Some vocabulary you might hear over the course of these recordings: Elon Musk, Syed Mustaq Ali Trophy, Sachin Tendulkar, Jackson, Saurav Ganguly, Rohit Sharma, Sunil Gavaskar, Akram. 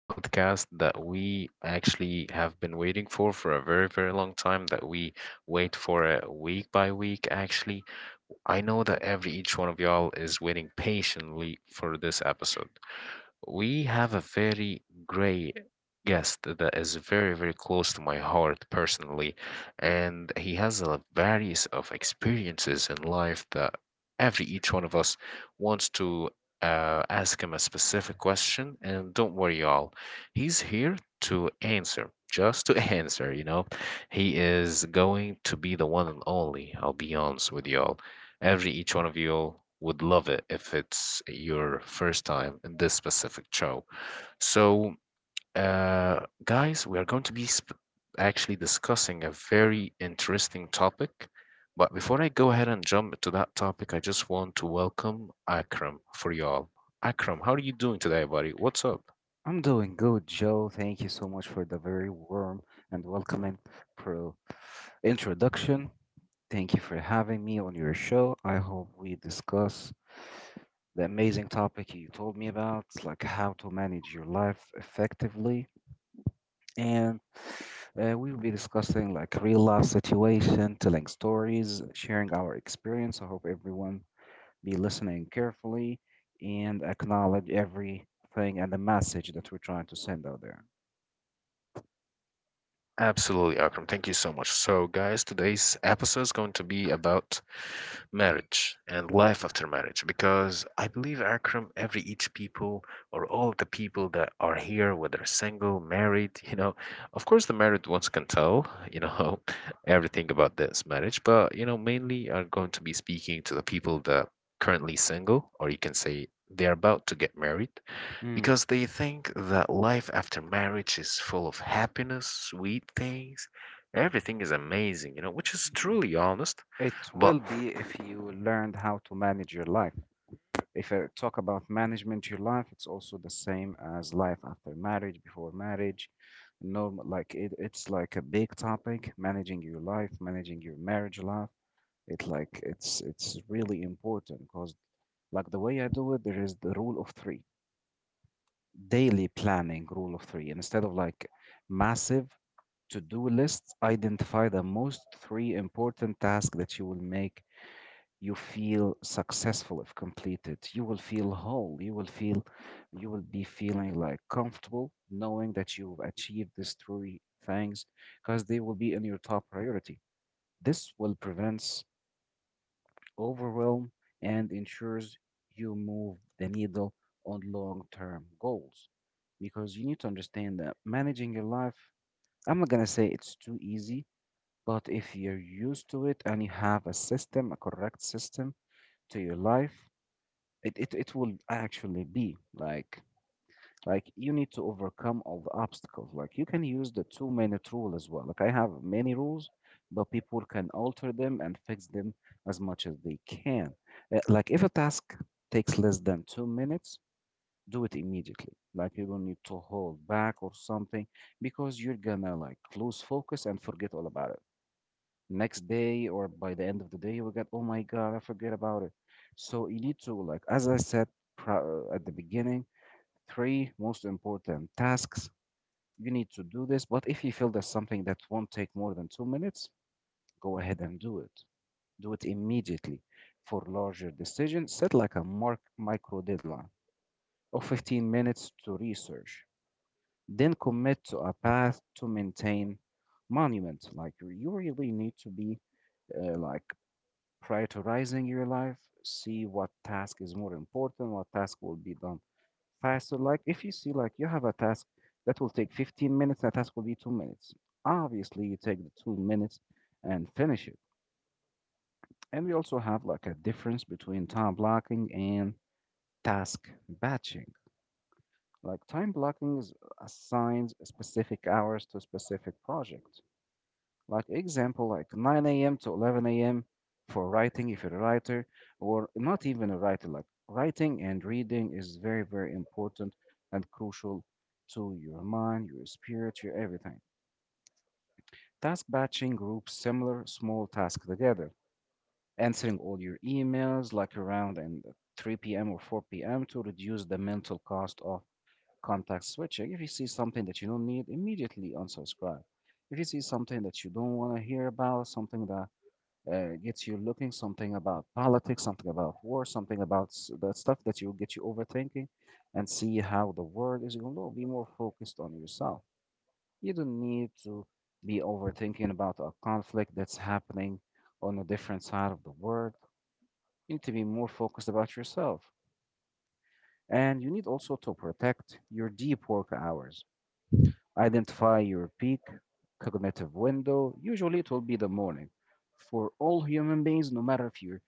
podcast that we actually have been waiting for a very, very long time. That we wait for it week by week. Actually, I know that every each one of y'all is waiting patiently for this episode. We have a very great guest that is very, very close to my heart personally, and he has a various of experiences in life that every each one of us wants to ask him a specific question. And don't worry, y'all, he's here to answer, just to answer. You know, he is going to be the one and only. I'll be honest with y'all. Every each one of you all would love it if it's your first time in this specific show. So, guys, we are going to be sp- Actually discussing a very interesting topic. But before I go ahead and jump to that topic, I just want to welcome Akram for y'all. Akram, how are you doing today, buddy? What's up? I'm doing good, Joe. Thank you so much for the very warm and welcoming pro introduction. Thank you for having me on your show. I hope we discuss the amazing topic you told me about, like how to manage your life effectively. And we will be discussing like real life situation, telling stories, sharing our experience. I hope everyone be listening carefully, and acknowledge everything and the message that we're trying to send out there. Absolutely, Akram. Thank you so much. So, guys, today's episode is going to be about marriage and life after marriage because I believe, Akram, every each people or all the people that are here, whether single, married, you know, of course the married ones can tell, you know, everything about this marriage, but you know mainly are going to be speaking to the people that currently single, or you can say they're about to get married, Mm. because they think that life after marriage is full of happiness, sweet things, everything is amazing, you know, which is truly honest, It but will be if you learned how to manage your life. If I talk about management your life, it's also the same as life after marriage, before marriage. Normal, like it's like a big topic, managing your life, managing your marriage life. It's really important because like the way I do it, there is the rule of three, daily planning rule of three. Instead of like massive to-do lists, identify the most three important tasks that you will make you feel successful if completed. You will feel whole, you will feel, you will be feeling like comfortable knowing that you've achieved these three things because they will be in your top priority. This will prevent overwhelm and ensures you move the needle on long-term goals because you need to understand that managing your life, I'm not going to say it's too easy, but if you're used to it and you have a system, a correct system to your life, it will actually be like you need to overcome all the obstacles, like you can use the 2-minute rule as well, like I have many rules, but people can alter them and fix them as much as they can. Like if a task takes less than 2 minutes, do it immediately, like you don't need to hold back or something because you're gonna like lose focus and forget all about it next day, or by the end of the day, we got, oh my god, I forget about it. So you need to, like as I said, at the beginning, three most important tasks you need to do this, but if you feel there's something that won't take more than 2 minutes, go ahead and do it, do it immediately. For larger decisions, set like a mark micro deadline of 15 minutes to research, then commit to a path to maintain monument, like you really need to be like prioritizing your life. See what task is more important, what task will be done faster, like if you see like you have a task that will take 15 minutes, that task will be 2 minutes, obviously you take the 2 minutes and finish it. And we also have like a difference between time blocking and task batching. Like time blocking is assigns specific hours to a specific project. Like example, like 9 a.m. to 11 a.m. for writing, if you're a writer, or not even a writer. Like writing and reading is very, very important and crucial to your mind, your spirit, your everything. Task batching groups similar small tasks together, answering all your emails like around and 3 p.m. or 4 p.m. to reduce the mental cost of contact switching. If you see something that you don't need, immediately unsubscribe. If you see something that you don't want to hear about, something that gets you looking something about politics, something about war, something about that stuff that you get you overthinking and see how the world is going to be more focused on yourself. You don't need to be overthinking about a conflict that's happening on a different side of the world. You need to be more focused about yourself. And you need also to protect your deep work hours. Identify your peak cognitive window. Usually, it will be the morning for all human beings, no matter if you're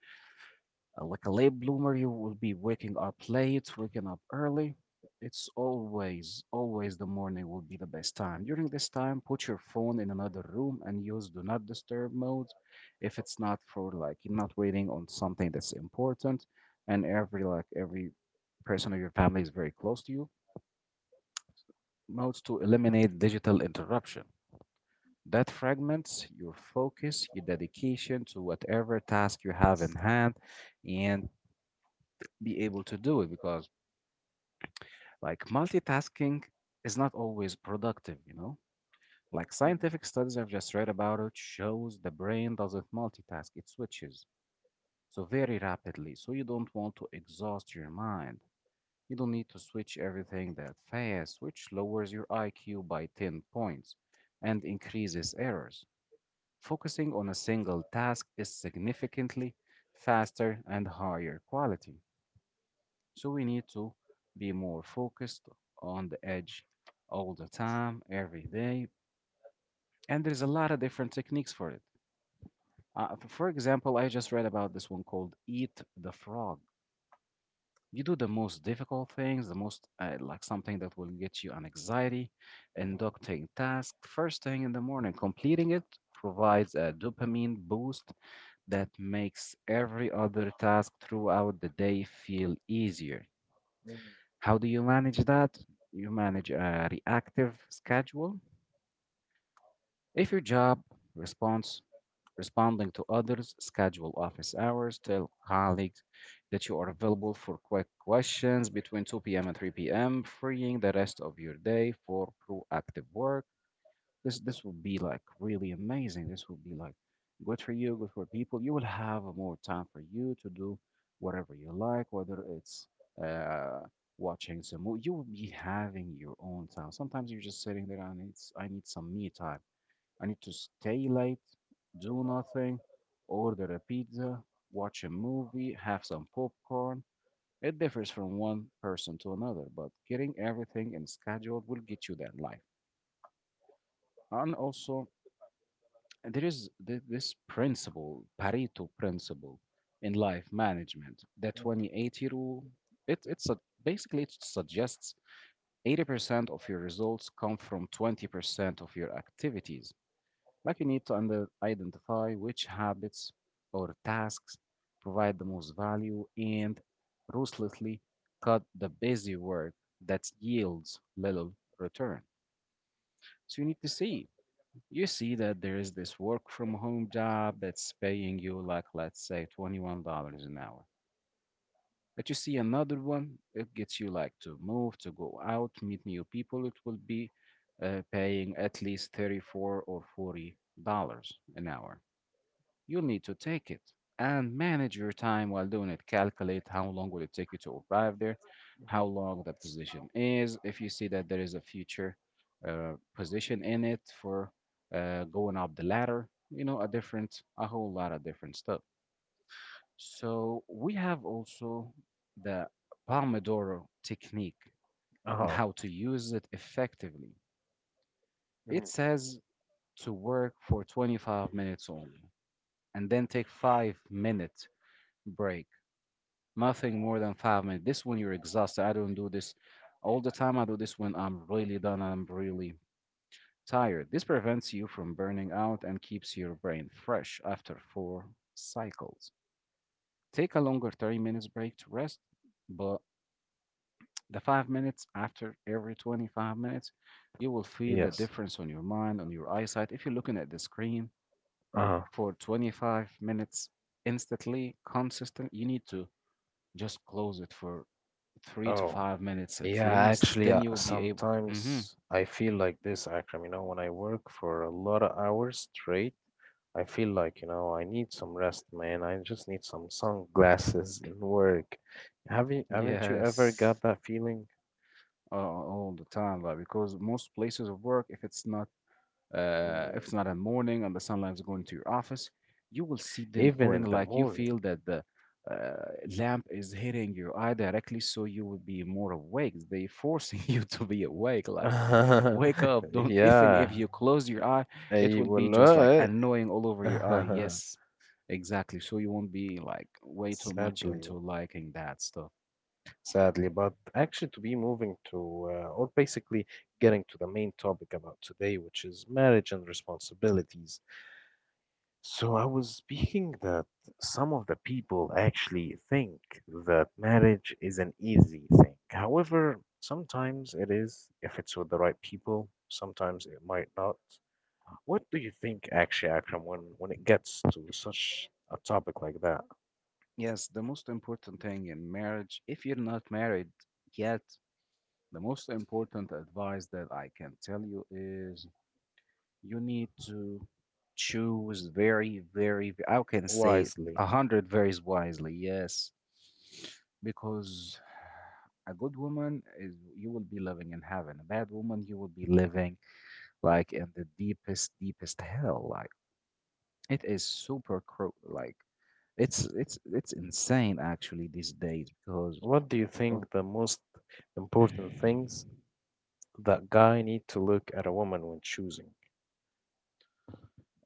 Like a late bloomer, you will be waking up late, waking up early. It's always, always the morning will be the best time. During this time, put your phone in another room and use do not disturb mode, if it's not for like you're not waiting on something that's important, and every person of your family is very close to you. Modes to eliminate digital interruption, that fragments your focus, your dedication to whatever task you have in hand, and be able to do it because like multitasking is not always productive, you know? Like scientific studies I've just read about it shows the brain doesn't multitask, it switches, so very rapidly. So you don't want to exhaust your mind. You don't need to switch everything that fast, which lowers your IQ by 10 points and increases errors. Focusing on a single task is significantly faster and higher quality. So we need to be more focused on the edge all the time, every day. And there's a lot of different techniques for it. For example, I just read about this one called Eat the Frog. You do the most difficult things, the most like something that will get you an anxiety, inducting task first thing in the morning. Completing it provides a dopamine boost that makes every other task throughout the day feel easier. How do you manage that? You manage a reactive schedule. If your job responds responding to others, schedule office hours, tell colleagues that you are available for quick questions between 2 p.m. and 3 p.m., freeing the rest of your day for proactive work. This will be like really amazing. This will be like good for you, good for people. You will have more time for you to do whatever you like, whether it's uh, watching some movie. You will be having your own time. Sometimes you're just sitting there and it's, I need some me time. I need to stay late, do nothing, order a pizza, watch a movie, have some popcorn. It differs from one person to another, but getting everything in schedule will get you that life. And also, there is this principle, Pareto principle, in life management, the 20-80 rule. It it's a, basically, it suggests 80% of your results come from 20% of your activities. Like you need to identify which habits or tasks provide the most value and ruthlessly cut the busy work that yields little return. So you need to see that there is this work from home job that's paying you, like let's say, $21 an hour, but you see another one, it gets you like to move, to go out, meet new people, it will be paying at least 34 or $40 an hour. You'll need to take it and manage your time while doing it. Calculate how long will it take you to arrive there, how mm long the position is. If you see that there is a future position in it for going up the ladder, a different, a whole lot of different stuff. So we have also the Pomodoro technique and oh, how to use it effectively. It mhm, says to work for 25 minutes only and then take 5-minute break. Nothing more than 5 minutes. This when you're exhausted. I don't do this all the time. I do this when I'm really done, I'm really tired. This prevents you from burning out and keeps your brain fresh after four cycles. Take a longer 30 minutes break to rest, but the 5 minutes after every 25 minutes, you will feel the yes. difference on your mind, on your eyesight. If you're looking at the screen Uh-huh. for 25 minutes instantly, consistent, you need to just close it for three to Oh, five minutes at yeah. least. Actually, Then you'll be able. sometimes I feel like this, Akram. You know, when I work for a lot of hours straight, I feel like, you know, I need some rest, man. I just need some sunglasses and work. Haven't you ever got Yes, that feeling? All the time. Like because most places of work, if it's not Mm, in morning and the sunlight is going to your office, you will see them even putting, in the like, you morning. feel that the uh, lamp is hitting your eye directly, so you will be more awake. They forcing you to be awake. Like wake up. Don't, even if Yeah, you close your eye, it I will be will. just like annoying all over your eye. uh, Yes, exactly. So you won't be like way too much into Sadly, liking that stuff. sadly, but actually, to be moving to, or basically getting to the main topic about today, which is marriage and responsibilities. So, I was speaking that some of the people actually think that marriage is an easy thing. However, sometimes it is if it's with the right people, sometimes it might not. What do you think, actually, Akram, when it gets to such a topic like that, Yes, the most important thing in marriage, if you're not married yet, the most important advice that I can tell you is you need to choose very, very, how can say. wisely? A hundred varies wisely, yes. Because a good woman is you will be living in heaven. A bad woman, you will be living like in the deepest, deepest hell. Like it is super cruel. Like it's insane actually these days because What do you of think the most important things that guy need to look at a woman when choosing?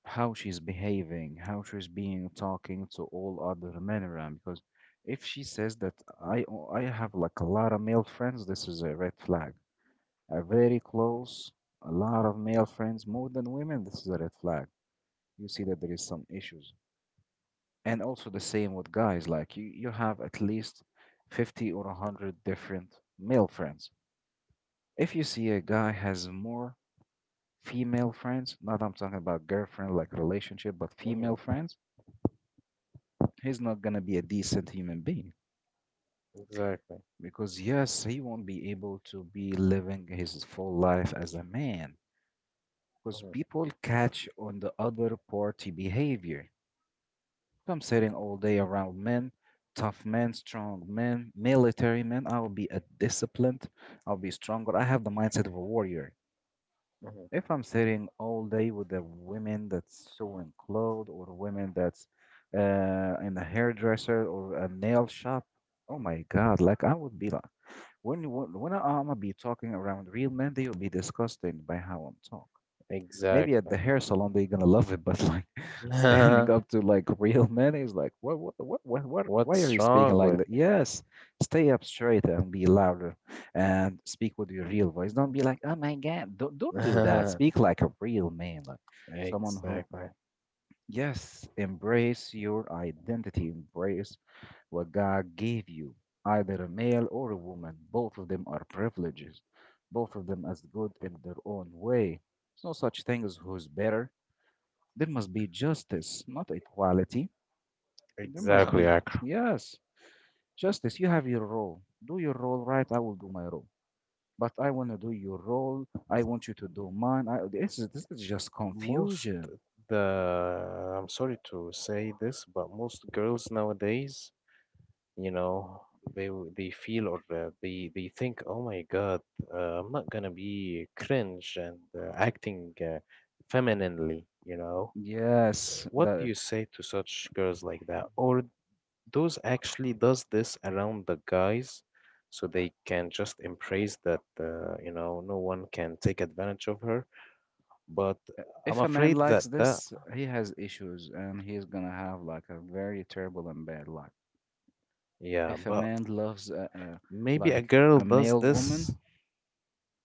how she's behaving, how she's being talking to all other men around. Because if she says that I have like a lot of male friends, this is a red flag. A very close, a lot of male friends, more than women, this is a red flag. You see that there is some issues. And also the same with guys, like you have at least 50 or 100 different male friends. If you see a guy has more female friends, not I'm talking about girlfriend like relationship, but female Hmm. friends, he's not gonna be a decent human being Exactly. because yes, he won't be able to be living his full life as a man because Hmm. people catch on the other party behavior. If I'm sitting all day around men, tough men, strong men, military men, I'll be a disciplined, I'll be stronger. I have the mindset of a warrior. Hmm. If I'm sitting all day with the women that's sewing clothes or women that's in a hairdresser or a nail shop, oh my God, like I would be like. When I'ma be talking around real men, they'll be disgusted by how I'm talk. Maybe at Exactly. the hair salon they're gonna love it, but like standing up to like real men is like what why are What's you speaking wrong like with that? you? Yes, stay up straight and be louder and speak with your real voice. Don't be like, oh my god, don't do that. Speak like a real man, like someone who Exactly. yes, embrace your identity, embrace what God gave you, either a male or a woman. Both of them are privileges, both of them as good in their own way. There's no such thing as who's better. There must be justice, not equality. There must Exactly, be, Akram. yes, justice. You have your role. Do your role right, I will do my role. But I want to do your role. I want you to do mine. I, this is just Most confusion. the I'm sorry to say this, but most girls nowadays, you know, they feel, or they think, oh my god, I'm not gonna be cringe and acting femininely, you know, Yes, what do that you say to such girls like that, or those actually does this around the guys, so they can just embrace that, you know, no one can take advantage of her, but I'm if a man afraid that likes that this, he has issues and he's gonna have like a very terrible and bad life. yeah, If a but man loves a maybe a like girl a does male this. woman,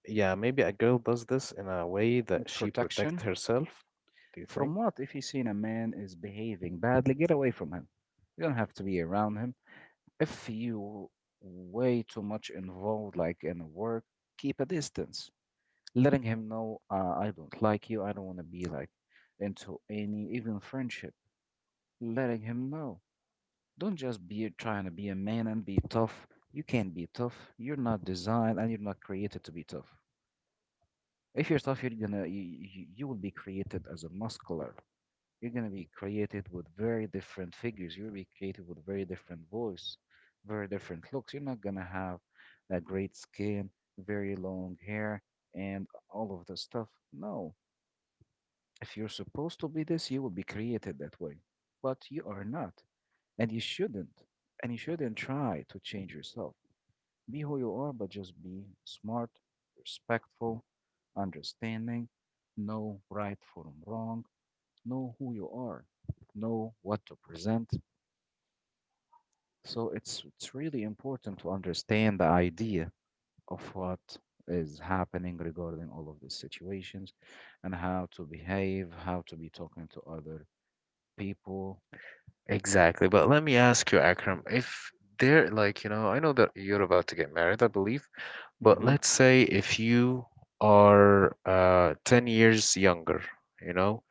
Yeah, maybe a girl does this in a way that she protects protection herself, do you from think? what? If he's seen a man is behaving badly, get away from him. You don't have to be around him. If you way too much involved, like in work, keep a distance. Letting him know I don't like you, I don't want to be like into any even friendship. Letting him know, don't just be trying to be a man and be tough. You can't be tough. You're not designed and you're not created to be tough. If you're tough, you're gonna you, you, you will be created as a muscular. You're gonna be created with very different figures. You'll be created with very different voice, very different looks. You're not gonna have that great skin, very long hair, and all of the stuff. No, if you're supposed to be this, you will be created that way. But you are not, and you shouldn't. And you shouldn't try to change yourself. Be who you are, but just be smart, respectful, understanding, know right from wrong, know who you are, know what to present. So it's really important to understand the idea of what is happening regarding all of these situations and how to behave, how to be talking to other people. Exactly. But let me ask you, Akram, if they're like, you know, I know that you're about to get married, I believe, but Mm-hmm. let's say if you are 10 years younger, you know,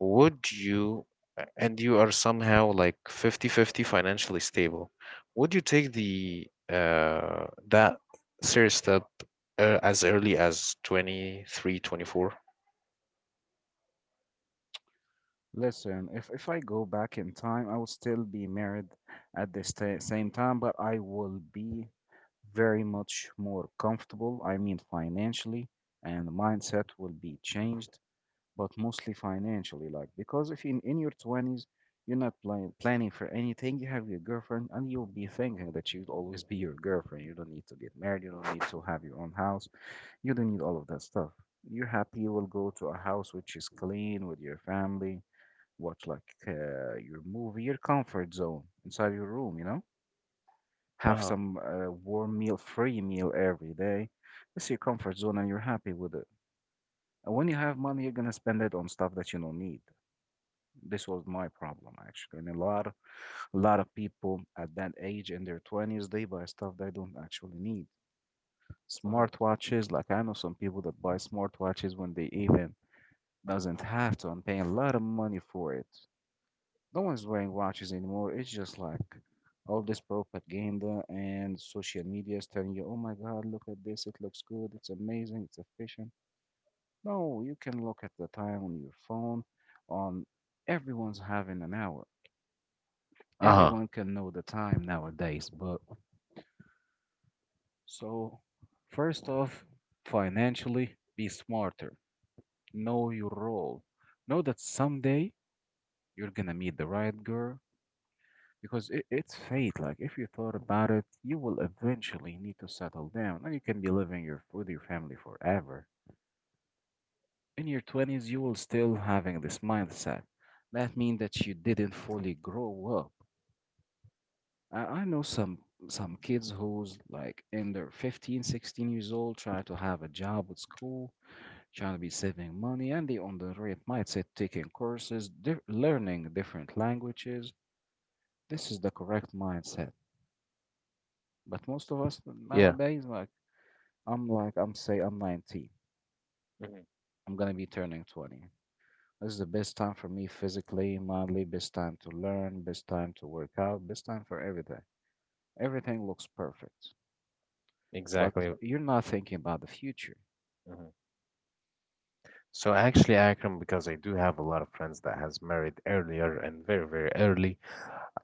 would you, and you are somehow like 50-50 financially stable, would you take the that serious step as early as 23, 24? Listen, if I go back in time, I would still be married at the sta same time, but I will be very much more comfortable. I mean, financially, and the mindset will be changed, but mostly financially. Like, because if in your 20s, you're not planning for anything, you have your girlfriend, and you'll be thinking that she'll always be your girlfriend. You don't need to get married, you don't need to have your own house, you don't need all of that stuff. You're happy, you will go to a house which is clean with your family watch like your movie, your comfort zone inside your room, you know? Have some warm meal, free meal every day. That's your comfort zone and you're happy with it. And when you have money, you're gonna spend it on stuff that you don't need. This was my problem actually. And a lot of people at that age in their 20s, they buy stuff they don't actually need. Mhm. Smartwatches, like I know some people that buy smartwatches when they even doesn't have to and pay a lot of money for it. No one's wearing watches anymore. It's just like all this propaganda and social media is telling you, oh my God, look at this. It looks good. It's amazing. It's efficient. No, you can look at the time on your phone. On everyone's having an hour. Uh-huh. Everyone can know the time nowadays. But so, first off, financially, be smarter. Know your role. Know that someday you're gonna meet the right girl because it's fate. Like if you thought about it, you will eventually need to settle down, and you can be living your with your family forever. In your twenties, you will still having this mindset. That means that you didn't fully grow up. I know some kids who's like in their 15, 16 years old, try to have a job with school, trying to be saving money, and they on the right mindset, taking courses, learning different languages. This is the correct mindset. But most of us Yeah. nowadays, like I'm say I'm 19. Mhm. I'm gonna be turning 20. This is the best time for me physically, mentally, best time to learn, best time to work out, best time for everything. Everything looks perfect. But Exactly. you're not thinking about the future. Mhm. So actually, Akram, because I do have a lot of friends that has married earlier and very, very early.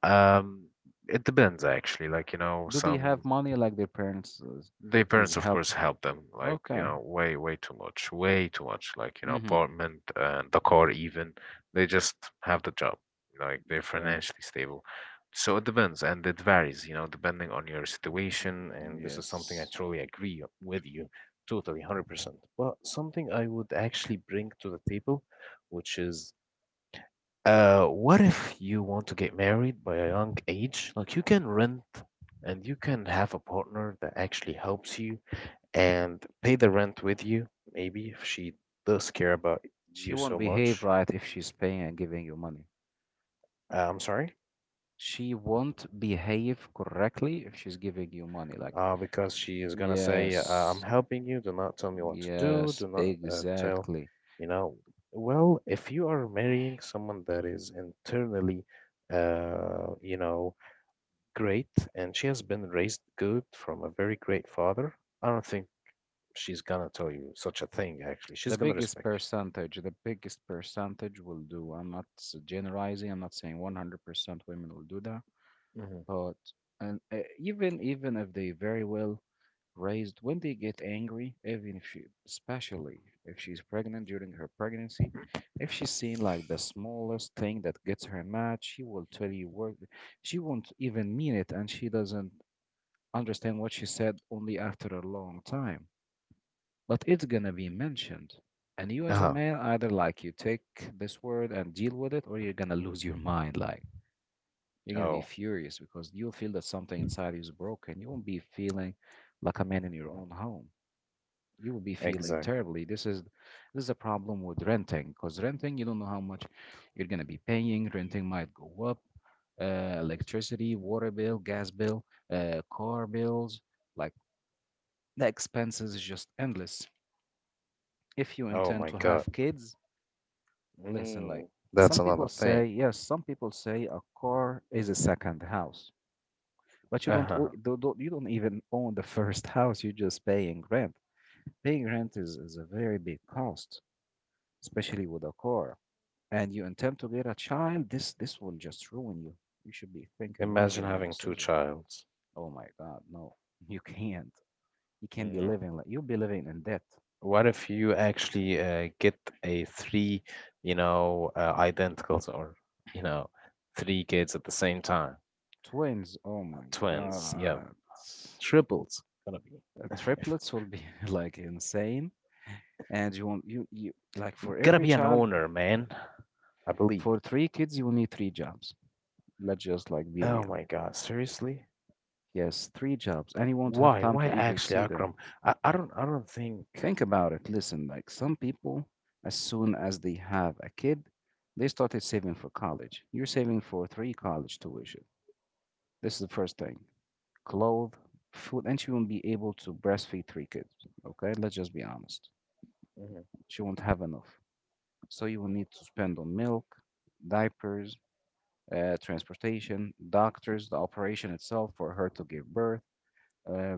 Um, it depends actually. Like, you know, Do they have some money like their parents their is parents, of help? course, help them, like, you Okay. know, way, way too much, way, too much. Like, you know, Mm-hmm. apartment and the car, even. They just have the job. Like, they're Okay. financially stable. So it depends, and it varies, you know, depending on your situation. And this is something I Yes. truly agree with you, totally, 100%. But something I would actually bring to the table, which is, what if you want to get married by a young age? Like, you can rent and you can have a partner that actually helps you and pay the rent with you, maybe if she does care about She you so won't behave much. right if she's paying and giving you money. I'm sorry, She won't behave correctly if she's giving you money. Like because she is gonna say, "I'm yes, helping you. Do not tell me what to do. yes, Do not tell, exactly. you know." Well, if you are marrying someone that is internally, you know, great, and she has been raised good from a very great father, I don't think she's gonna tell you such a thing. Actually, she's gonna respect The biggest percentage will do. I'm not generalizing, I'm not saying 100% women will do that, you. Hmm. but and even if they very well raised, when they get angry, even if she, especially if she's pregnant during her pregnancy, if she's seen like the smallest thing that gets her mad, she will tell you what she won't even mean it, and she doesn't understand what she said only after a long time, but it's gonna be mentioned. And you, Uh as a huh. man, either like you take this word and deal with it, or you're gonna lose your mind. Like, you're gonna be Oh, furious because you'll feel that something inside you is broken. You won't be feeling like a man in your own home. You will be feeling exactly. terribly. This is a problem with renting because renting, you don't know how much you're gonna be paying. Renting might go up. Electricity, water bill, gas bill, car bills, like the expenses is just endless. If you Oh intend my to God. have kids, listen, like Mm, that's some people another say, thing. yes, some people say a car is a second house, but you don't, o- Uh-huh. do- do- you don't even own the first house. You're just paying rent. Paying rent is a very big cost, especially with a car. And you intend to get a child, this will just ruin you. You should be thinking wisely Imagine on your having two decision. childs. Oh my God, no, you can't. You can't be Mm. living like you'll be living in debt. What if you actually get a three, you know, identicals, or, you know, three kids at the same time? Twins, oh my Twins, yeah, God. triples. Gonna be, if, Triplets will be like insane. And you like for gonna every be an child, owner, man, I believe. for three kids, you will need three jobs. Let's just like be Oh real. my God, seriously? Yes, three jobs. And you won't have Why? time Why to ever actually, see them. Akram? I don't think. Think about it. Listen, like some people, as soon as they have a kid, they started saving for college. You're saving for three college tuition. This is the first thing. Clothes, food, and you won't be able to breastfeed three kids. Okay, let's just be honest. Hmm. She won't have enough. So you will need to spend on milk, diapers, transportation, doctors, the operation itself for her to give birth. Uh,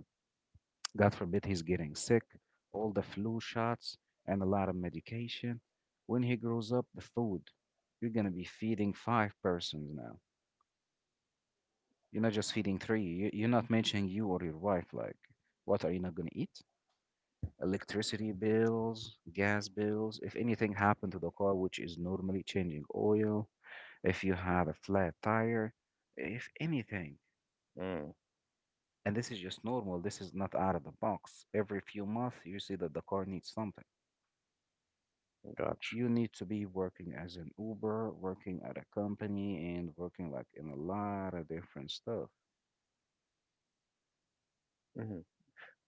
God forbid he's getting sick, all the flu shots, and a lot of medication. When he grows up, the food. You're going to be feeding five persons now. You're not just feeding three. You're not mentioning you or your wife. Like, what are you not going to eat? Electricity bills, gas bills, if anything happened to the car, which is normally changing oil, if you have a flat tire, if anything. And this is just normal. This is not out of the box. Every few months, you see that the car needs something. Mm, gotcha. You need to be working as an Uber, working at a company, and working like in a lot of different stuff. Mhm.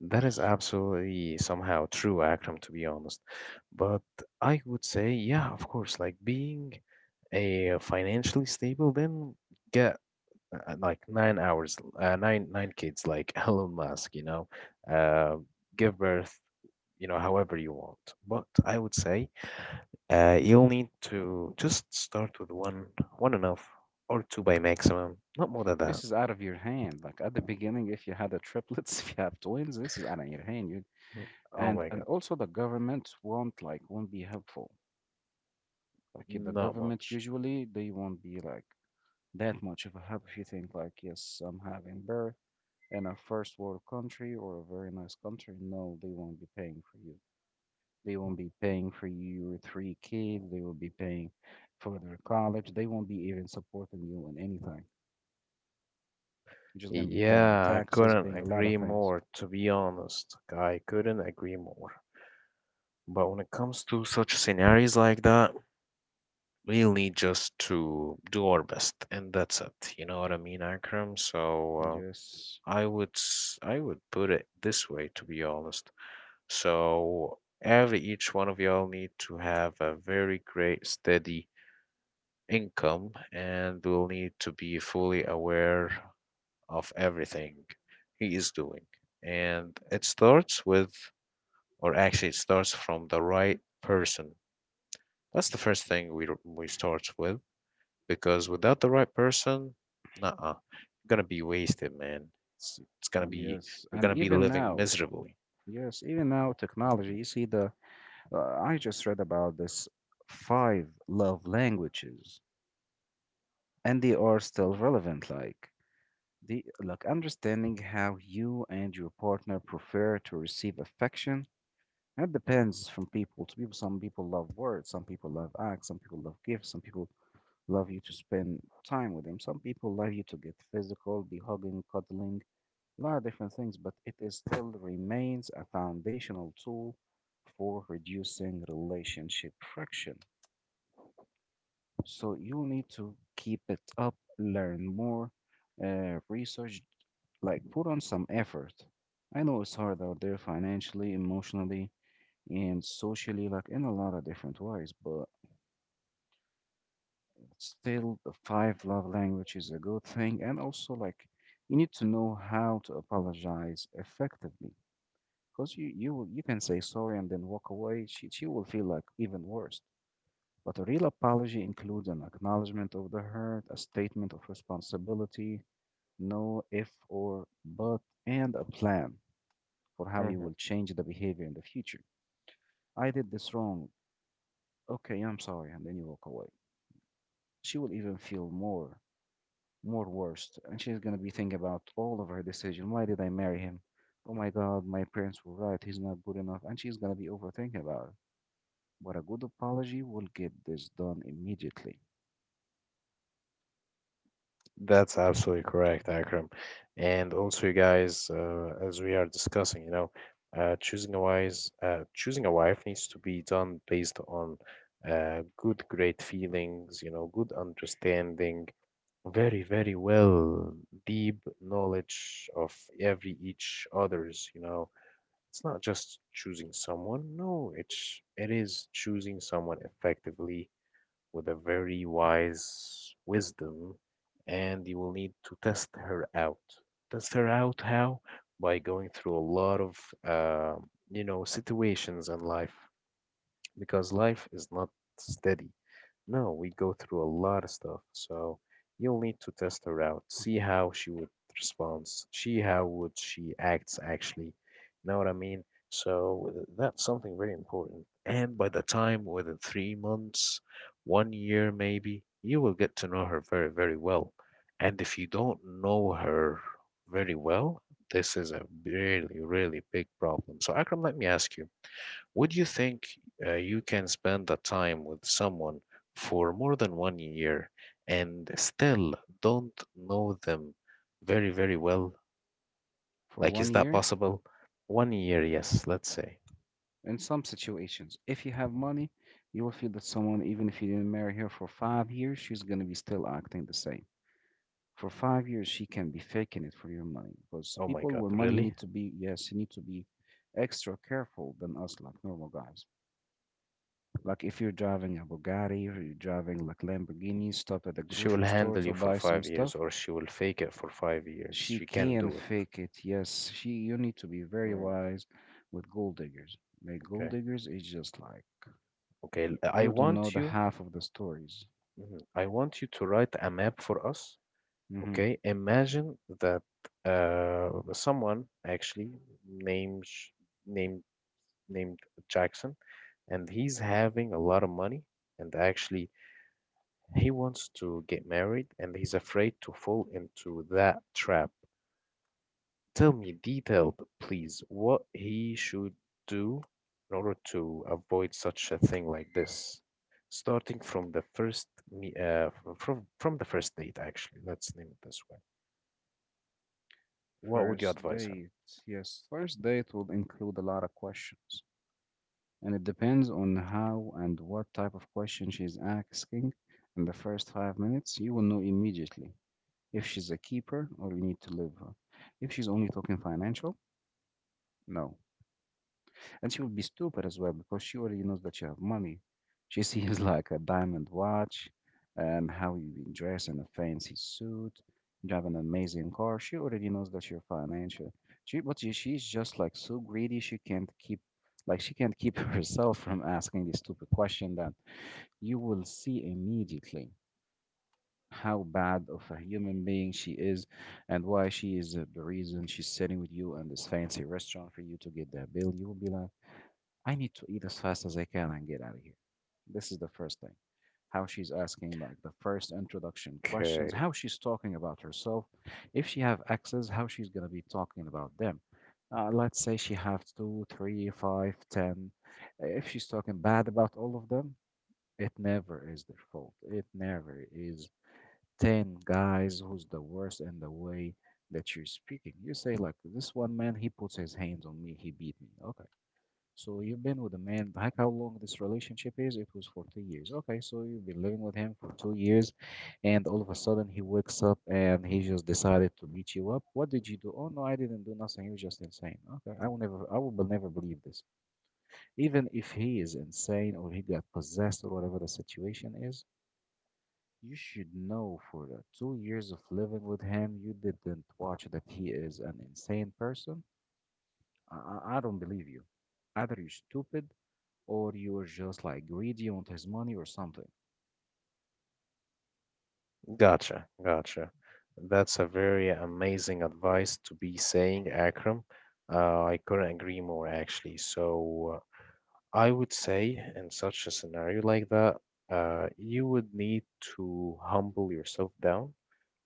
That is absolutely somehow true, Akram, to be honest. But I would say, yeah, of course, like being a financially stable, then get like 9 hours, nine kids, like Elon Musk, you know, uh, give birth, you know, however you want. But I would say you'll need to just start with one, one enough, or two by maximum, not more than that. This is out of your hand. Like at the beginning, if you had a triplets, if you have twins, this is out of your hand. You, Oh and my and God, also the government won't won't be helpful. Like the not government much. usually they won't be like that much of a help if you think like, yes, I'm having birth in a first world country or a very nice country. No, they won't be paying for you. They won't be paying for your three kids. They will be paying for their college. They won't be even supporting you in anything. You're just gonna be paying Yeah, I taxes, couldn't paying a lot of agree things. more, to be honest. I couldn't agree more. But when it comes to such scenarios like that, we'll need just to do our best, and that's it. You know what I mean, Akram? So Yes, I would put it this way, to be honest. So every each one of y'all need to have a very great steady income, and will need to be fully aware of everything he is doing. And it starts with, or actually it starts from the right person. That's the first thing we start with, because without the right person, nah, you're gonna be wasted, man. It's gonna be yes, you're and gonna be even living now, miserably. yes, even now, technology. You see, the I just read about this five love languages, and they are still relevant. The understanding how you and your partner prefer to receive affection. That depends from people to people. Some people love words, some people love acts, some people love gifts, some people love you to spend time with them. Some people love you to get physical, be hugging, cuddling, a lot of different things, but it is still remains a foundational tool for reducing relationship friction. So you need to keep it up, learn more, research. Like, put on some effort. I know it's hard out there financially, emotionally, and socially, like in a lot of different ways, but still, the five love language is a good thing. And also, like, you need to know how to apologize effectively. Because you can say sorry and then walk away. She will feel like even worse. But a real apology includes an acknowledgement of the hurt, a statement of responsibility, no if or but, and a plan for how you Mhm. will change the behavior in the future. I did this wrong. Okay, I'm sorry. And then you walk away. She will even feel more worse. And she's going to be thinking about all of her decision. Why did I marry him? Oh my God, my parents were right. He's not good enough. And she's going to be overthinking about it. But a good apology will get this done immediately. That's absolutely correct, Akram. And also, you guys, as we are discussing, you know, choosing a wife needs to be done based on good, great feelings, you know, good understanding, very, very well, deep knowledge of every each other's, you know. It's not just choosing someone. No, it is choosing someone effectively with a very wise wisdom, and you will need to test her out. Test her out how? By going through a lot of, uh, you know, situations in life, because life is not steady. No, we go through a lot of stuff. So you'll need to test her out, see how she would respond, see how would she acts actually. Know what I mean? So that's something very important. And by the time within 3 months, 1 year maybe, you will get to know her very, very well. And if you don't know her very well, this is a really, really big problem. So Akram, let me ask you. Would you think you can spend that time with someone for more than 1 year and still don't know them very, very well? For Like, one is that year, possible? 1 year, yes, let's say. in some situations, if you have money, you will feel that someone, even if you didn't marry her for 5 years, she's going to be still acting the same. For 5 years, she can be faking it for your money because the Oh my people God, with money you really? need to be, yes, you need to be extra careful than us, like normal guys. Like if you're driving a Bugatti or you're driving like Lamborghini, stop at the She will grocery store handle you to for buy some 5 years, stuff. or she will fake it for 5 years. She She can't can do it. fake it, yes. You need to be very Mm, wise with gold diggers. Like gold okay. diggers is just like Okay. I you don't know want the you, half of the stories. mhm, I want you to write a map for us. hmm Okay, imagine that someone actually named named named Jackson, and he's having a lot of money, and actually he wants to get married, and he's afraid to fall into that trap. Tell me detailed, please, what he should do in order to avoid such a thing like this, starting from the first me- f- from the first date, actually. Let's name it this way. What would you First advise him? date, yes. First date will include a lot of questions, and it depends on how and what type of question she's asking. In the first 5 minutes, you will know immediately if she's a keeper or you need to leave her. If she's only talking financial, no. And she will be stupid as well because she already knows that you have money. She sees like a diamond watch and how you've been dressed in a fancy suit, drive an amazing car. She already knows that you're financial. She's just like so greedy she can't keep she can't keep herself from asking the stupid question that you will see immediately how bad of a human being she is and why she is the reason she's sitting with you in this fancy restaurant for you to get that bill. You will be like I need to eat as fast as I can and get out of here. This is the first thing. How she's asking like the first introduction questions, Okay, how she's talking about herself, if she have exes, how she's gonna be talking about them. Let's say she have two, three, five, ten. If she's talking bad about all of them, it never is their fault. It never is ten guys who's the worst in the way that you're speaking. You say like this one man, he puts his hands on me, he beat me. Okay, so you've been with a man, like how long this relationship is? It was for 2 years. Okay, so you've been living with him for 2 years, and all of a sudden he wakes up and he just decided to beat you up. What did you do? Oh no, I didn't do nothing. He was just insane. Okay, I will never, never believe this. Even if he is insane or he got possessed or whatever the situation is, you should know for the 2 years of living with him, you didn't watch that he is an insane person. I don't believe you. Either you're stupid or you're just like greedy, want his money or something. gotcha, gotcha. That's a very amazing advice to be saying, Akram. I couldn't agree more, actually. So, I would say in such a scenario like that, you would need to humble yourself down,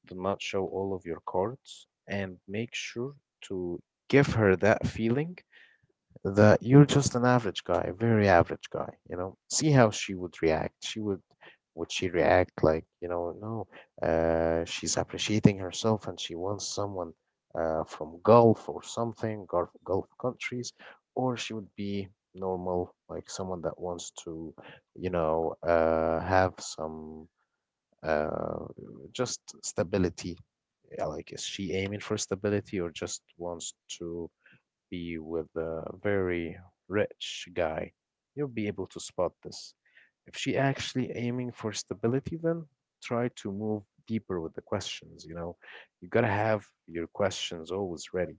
do not show all of your cards, and make sure to give her that feeling that you're just an average guy, very average guy, you know. See how she would react. She would she react like, you know, no, she's appreciating herself and she wants someone from Gulf or something, Gulf, Gulf countries, or she would be normal, like someone that wants to, you know, have some uh, just stability. Yeah. Like, is she aiming for stability or just wants to be with a very rich guy, you'll be able to spot this. If she actually aiming for stability, then try to move deeper with the questions. You know, you gotta have your questions always ready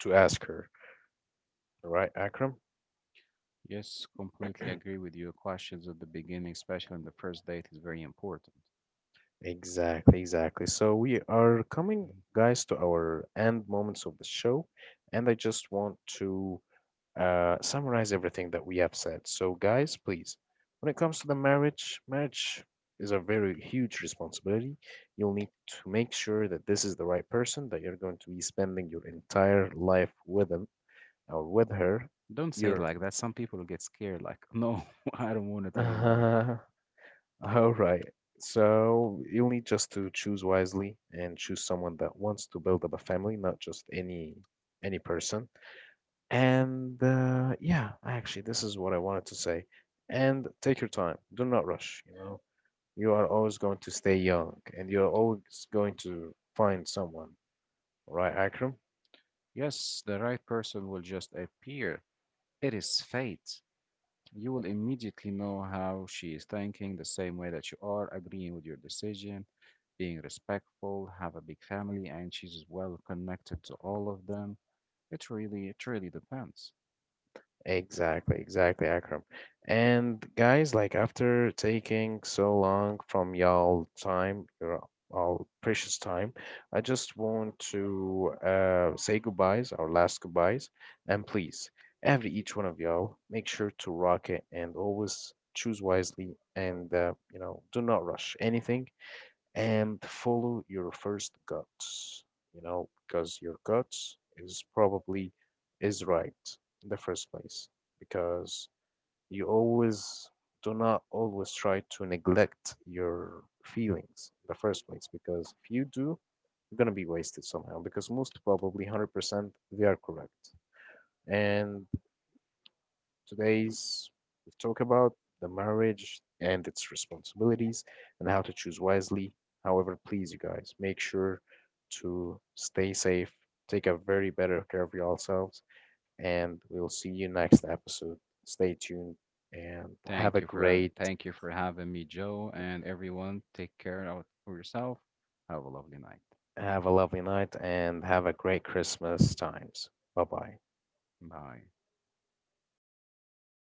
to ask her. All right, Akram? Yes, completely agree with you. Questions at the beginning, especially in the first date, is very important. Exactly, exactly. So we are coming, Mhm. guys, to our end moments of the show, and I just want to summarize everything that we have said. So, guys, please, when it comes to the marriage, marriage is a very huge responsibility. You'll need to make sure that this is the right person that you're going to be spending your entire life with him or with her. Don't say it You're like that. Some people get scared, like, no, I don't want it anymore. all right. So you'll need just to choose wisely and choose someone that wants to build up a family, not just any person. And yeah, actually, this is what I wanted to say. And take your time. Do not rush, you know. You are always going to stay young and you're always going to find someone, right, Akram? Yes, the right person will just appear. It is fate. You will immediately know how she is thinking, the same way that you are, agreeing with your decision, being respectful, have a big family, and she's well connected to all of them. It really depends. Exactly, exactly, Akram. And guys, like after taking so long from y'all time, your all precious time, I just want to say goodbyes, our last goodbyes, and please, every each one of y'all, make sure to rock it and always choose wisely, and you know, do not rush anything and follow your first guts, you know, because your guts is probably is right in the first place, because you always do not always try to neglect your feelings in the first place, because if you do you're going to be wasted somehow, because most probably 100% they are correct. And today's we talk about the marriage and its responsibilities and how to choose wisely. However, please, you guys, make sure to stay safe, take a very better care of yourselves, and we'll see you next episode. Stay tuned and have a great, Thank you for having me, Joe, and everyone. Take care out for yourself. Have a lovely night. have a lovely night, and have a great Christmas times. Bye bye. Bye.